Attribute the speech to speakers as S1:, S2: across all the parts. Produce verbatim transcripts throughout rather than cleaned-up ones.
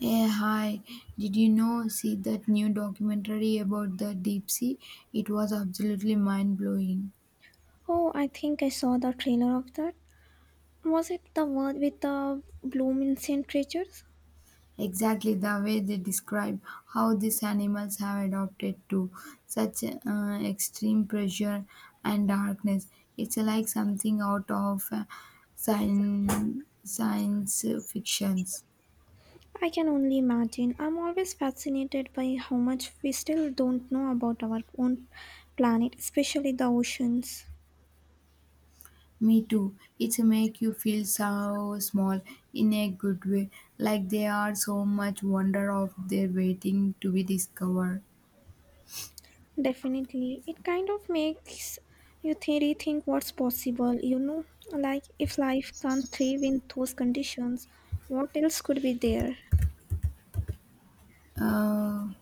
S1: Eh, hi, did you know, see that new documentary about the deep sea? It was absolutely mind blowing.
S2: Oh, I think I saw the trailer of that. Was it the one with the Bloomincent creatures?
S1: Exactly the way they describe how these animals have adapted to such uh, extreme pressure and darkness. It's like something out of uh, science, science fictions.
S2: I can only imagine. I'm always fascinated by how much we still don't know about our own planet, especially the oceans.
S1: Me too. It's make you feel so small in a good way, like there are so much wonder of their waiting to be discovered.
S2: Definitely. It kind of makes you thi- rethink what's possible, you know? Like, if life can't thrive in those conditions, what else could be there?
S1: Uh,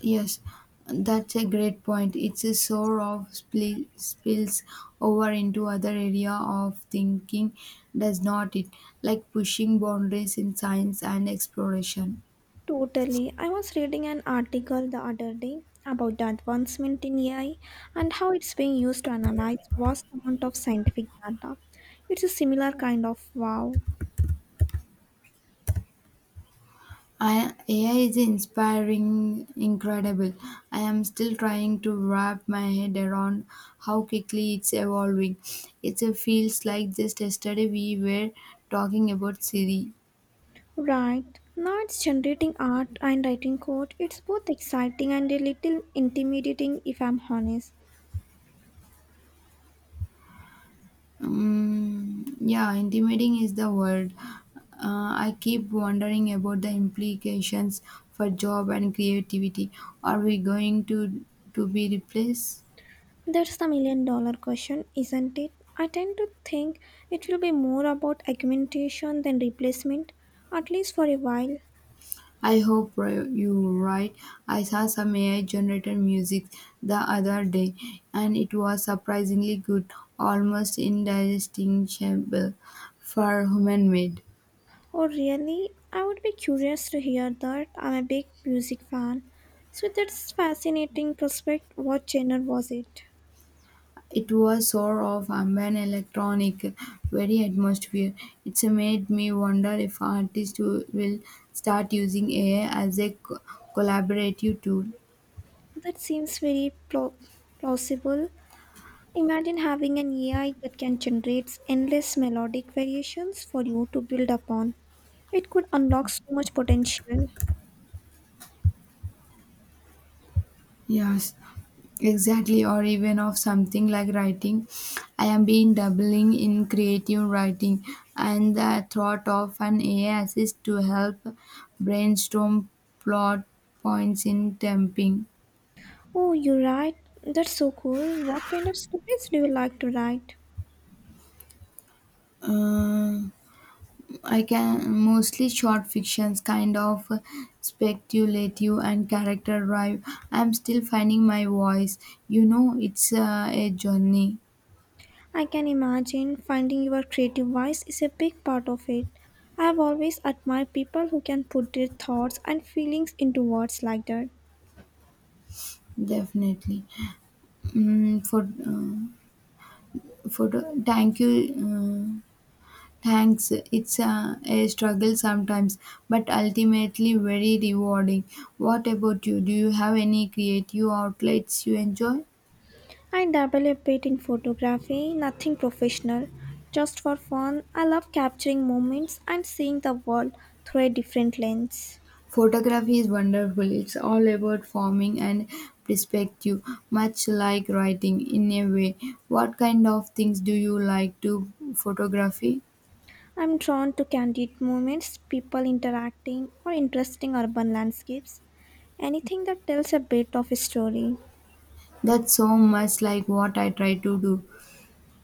S1: yes, that's a great point. It's a sort of spli- spills over into other area of thinking, does not it? Like pushing boundaries in science and exploration.
S2: Totally. I was reading an article the other day about the advancement in A I and how it's being used to analyze vast amount of scientific data. It's a similar kind of wow.
S1: I, A I is inspiring, incredible. I am still trying to wrap my head around how quickly it's evolving. It feels like just yesterday we were talking about Siri.
S2: Right. Now it's generating art and writing code. It's both exciting and a little intimidating if I'm honest.
S1: Um, yeah, intimidating is the word. Uh, I keep wondering about the implications for job and creativity. Are we going to to be replaced?
S2: That's the million dollar question, isn't it? I tend to think it will be more about augmentation than replacement, at least for a while.
S1: I hope ri- you're right. I saw some A I generated music the other day, and it was surprisingly good, almost indistinguishable for human made.
S2: Oh, really? I would be curious to hear that. I'm a big music fan. So that's fascinating prospect. What genre was it?
S1: It was sort of ambient electronic, very atmosphere. It's made me wonder if artists will will start using A I as a co- collaborative tool.
S2: That seems very plau- plausible. Imagine having an A I that can generate endless melodic variations for you to build upon. It could unlock so much potential.
S1: Yes, exactly. Or even of something like writing. I am being doubling in creative writing, and the thought of an A I assist to help brainstorm plot points in temping.
S2: Oh, you're right. That's so cool. What kind of stories do you like to write?
S1: Uh, I can mostly short fictions, kind of speculative and character drive. I'm still finding my voice. You know, it's uh, a journey,
S2: I can imagine finding your creative voice is a big part of it. I have always admired people who can put their thoughts and feelings into words like that.
S1: definitely. Mm, for. Uh, photo thank you uh, thanks, it's a, a struggle sometimes but ultimately very rewarding. What about you, do you have any creative outlets you enjoy?
S2: I dabble a bit in photography, nothing professional, just for fun. I love capturing moments and seeing the world through a different lens.
S1: Photography is wonderful, it's all about forming and perspective, much like writing in a way. What kind of things do you like to photography?
S2: I'm drawn to candid moments, people interacting, or interesting urban landscapes. Anything that tells a bit of a story.
S1: That's so much like what I try to do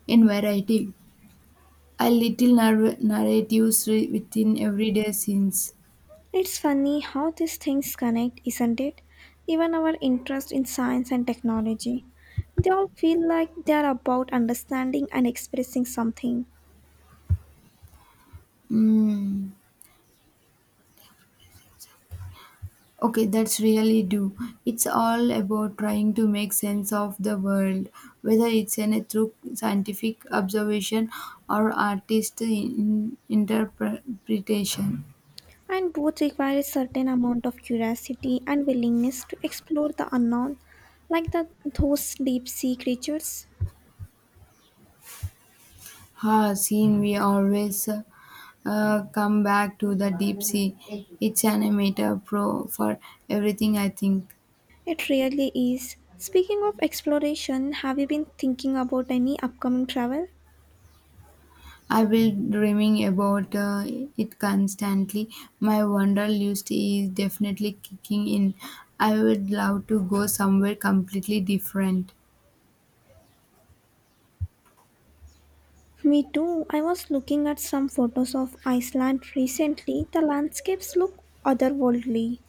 S1: in variety. A little nar- narratives re- within everyday scenes.
S2: It's funny how these things connect, isn't it? Even our interest in science and technology. They all feel like they are about understanding and expressing something,
S1: Mm. Okay, that's really do. It's all about trying to make sense of the world, whether it's in a through scientific observation or artist in- interpretation.
S2: and both require a certain amount of curiosity and willingness to explore the unknown, like the, those deep sea creatures.
S1: Ha, scene we always uh, come back to the deep sea. It's an amateur pro for everything, I think.
S2: It really is. Speaking of exploration, have you been thinking about any upcoming travel?
S1: I've been dreaming about uh, it constantly. My wonder list is definitely kicking in. I would love to go somewhere completely different.
S2: Me too. I was looking at some photos of Iceland recently. The landscapes look otherworldly.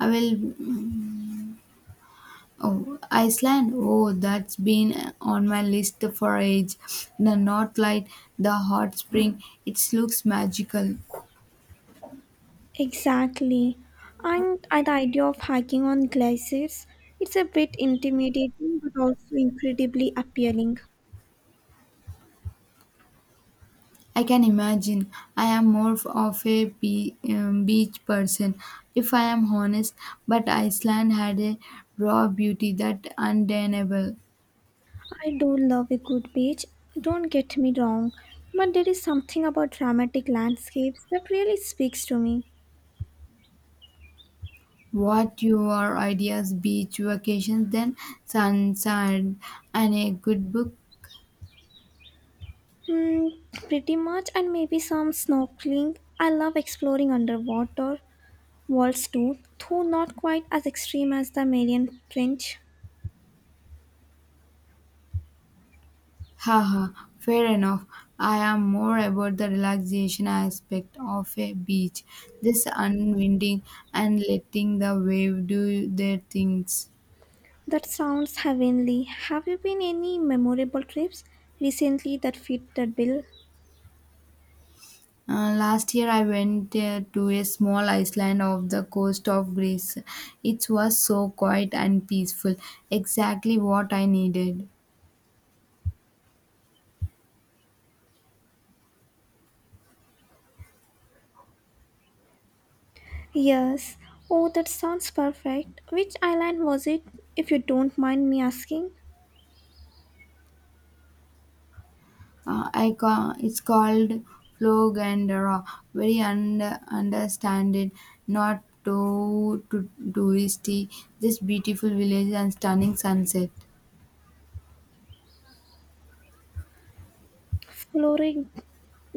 S1: I will. Oh, Iceland. Oh, that's been on my list for age. The North Light, the hot spring. It looks magical.
S2: Exactly. And uh, the idea of hiking on glaciers, it's a bit intimidating but also incredibly appealing.
S1: I can imagine. I am more of a be- um, beach person, if I am honest, but Iceland had a raw beauty that undeniable.
S2: I do love a good beach, don't get me wrong, but there is something about dramatic landscapes that really speaks to me.
S1: What your ideas beach vacations then? Sun, sand, and a good book?
S2: Hmm, pretty much, and maybe some snorkeling. I love exploring underwater, Waltztooth, though not quite as extreme as the Marian Trench.
S1: Haha, fair enough. I am more about the relaxation aspect of a beach, just unwinding and letting the wave do their things.
S2: That sounds heavenly. Have you been any memorable trips recently that fit that bill?
S1: Uh, last year, I went uh, to a small island off the coast of Greece. It was so quiet and peaceful, exactly what I needed.
S2: Yes. Oh, that sounds perfect. Which island was it, if you don't mind me asking?
S1: Uh, I ca- it's called Flog and Raw. Very un- understand not too, too touristy. Just beautiful village and stunning sunset.
S2: Flooring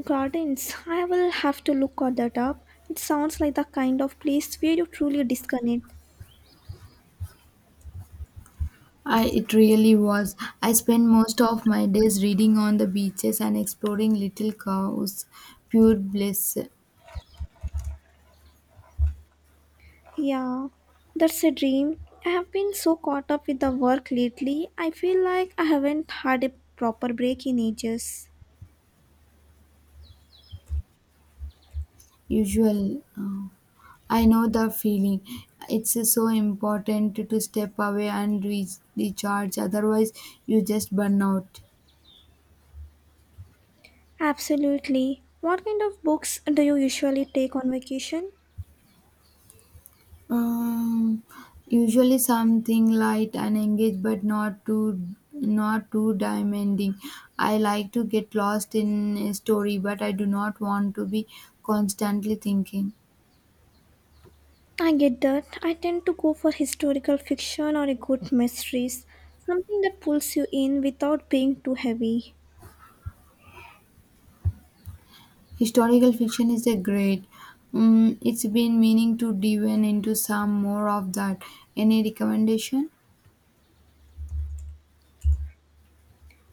S2: Gardens. I will have to look at that up. It sounds like the kind of place where you truly disconnect.
S1: I, it really was. I spent most of my days reading on the beaches and exploring little cows. Pure bliss.
S2: Yeah, that's a dream. I have been so caught up with the work lately, I feel like I haven't had a proper break in ages.
S1: Usual uh, I know the feeling. It's uh, so important to to step away and re- recharge, otherwise you just burn out.
S2: Absolutely. What kind of books do you usually take on vacation?
S1: um, Usually something light and engaged but not too not too demanding. I like to get lost in a story but I do not want to be constantly thinking.
S2: I get that. I tend to go for historical fiction or a good mysteries, something that pulls you in without being too heavy.
S1: Historical fiction is a great. Mm, it's been meaning to dive in into some more of that. Any recommendation?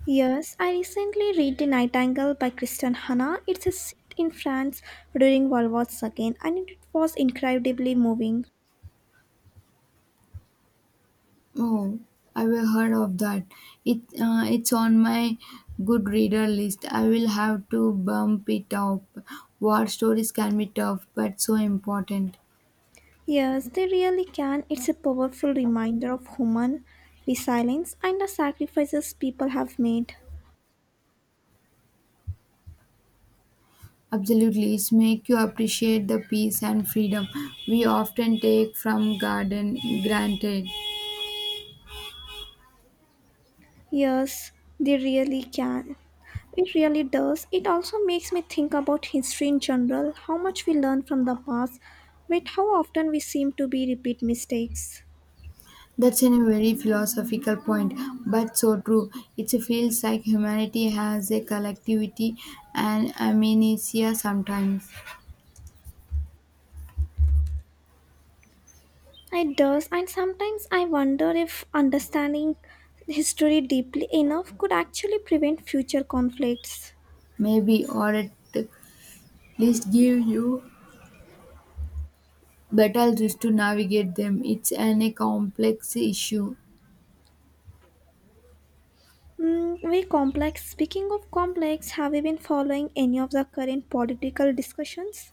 S2: Yes, I recently read The Nightingale by Christian Hannah. It's a set in France during World War Two and it was incredibly moving.
S1: Oh, I have heard of that. It uh, it's on my good reader list. I will have to bump it up. War stories can be tough, but so important.
S2: Yes, they really can. It's a powerful reminder of human resilience and the sacrifices people have made.
S1: Absolutely, it's make you appreciate the peace and freedom we often take from garden granted.
S2: Yes, they really can. It really does. It also makes me think about history in general, how much we learn from the past, but how often we seem to be repeat mistakes.
S1: That's a very philosophical point, but so true. It feels like humanity has a collectivity and amnesia sometimes,
S2: It does, and sometimes I wonder if understanding history deeply enough could actually prevent future conflicts.
S1: maybe, or at least give you better tools to navigate them. It's an a complex issue.
S2: Mm, very complex. Speaking of complex, have you been following any of the current political discussions?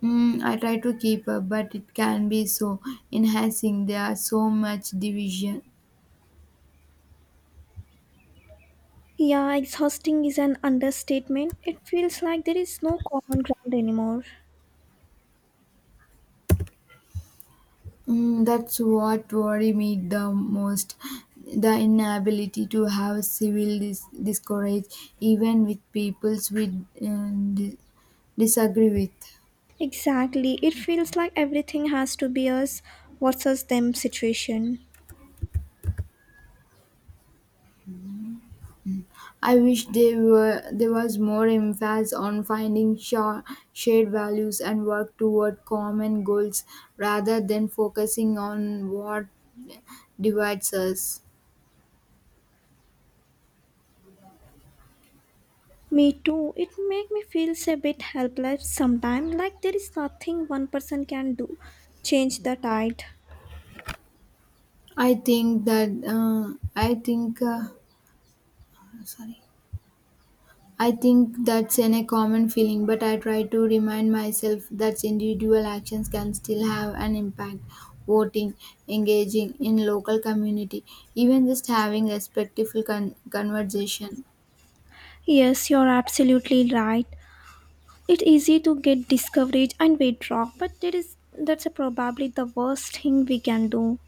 S1: Mm, I try to keep up, but it can be so enhancing. There are so much division.
S2: Yeah, exhausting is an understatement. It feels like there is no common ground anymore.
S1: Mm, that's what worry me the most. The inability to have civil dis- discourage, even with peoples we um, di- disagree with.
S2: Exactly. It feels like everything has to be us versus them situation.
S1: I wish there were there was more emphasis on finding sha- shared values and work toward common goals rather than focusing on what divides us.
S2: Me too. It make me feel a bit helpless sometimes, like there is nothing one person can do. Change the tide.
S1: I think that uh, I think uh, sorry. I think that's an, a common feeling, but I try to remind myself that individual actions can still have an impact. Voting, engaging in local community, even just having respectful con- conversation.
S2: Yes, you're absolutely right. It's easy to get discouraged and withdraw, but that is that's probably the worst thing we can do.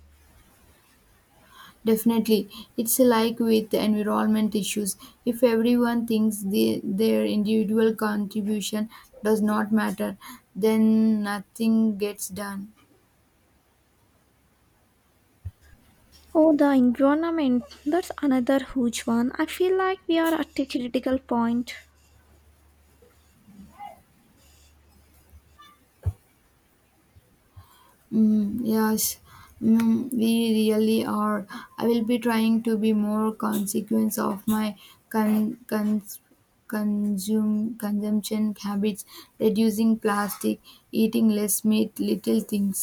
S1: Definitely, it's like with the environment issues. If everyone thinks the, their individual contribution does not matter, then nothing gets done.
S2: Oh, the environment, that's another huge one. I feel like we are at a critical point.
S1: Mm, yes, mm, we really are. I will be trying to be more consequence of my con- cons- consume consumption habits, reducing plastic, eating less meat, little things.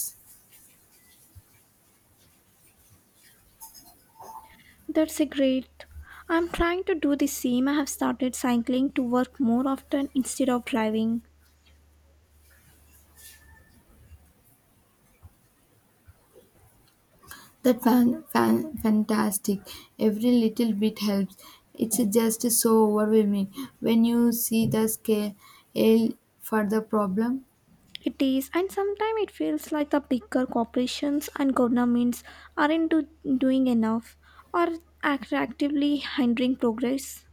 S2: That's a great. I'm trying to do the same. I have started cycling to work more often instead of driving.
S1: That fan, fan fantastic. Every little bit helps. It's just so overwhelming when you see the scale for the problem.
S2: It is, and sometimes it feels like the bigger corporations and governments aren't do- doing enough, or act- actively hindering progress.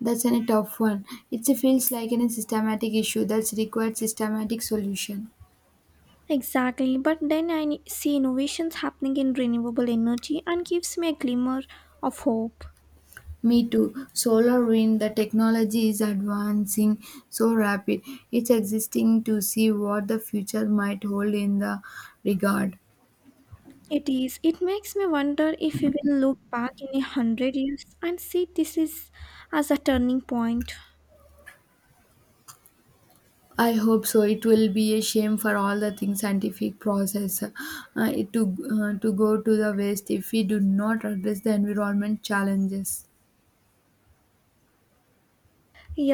S1: That's an- a tough one. It feels like an systematic issue that's required systematic solution.
S2: Exactly, but then I n- see innovations happening in renewable energy and gives me a glimmer of hope.
S1: Me too. Solar wind, the technology is advancing so rapid. It's existing to see what the future might hold in the regard.
S2: It is. It makes me wonder if we will look back in a hundred years and see this is as a turning point.
S1: I hope so. It will be a shame for all the things scientific process uh, it to uh, to go to the waste if we do not address the environment challenges.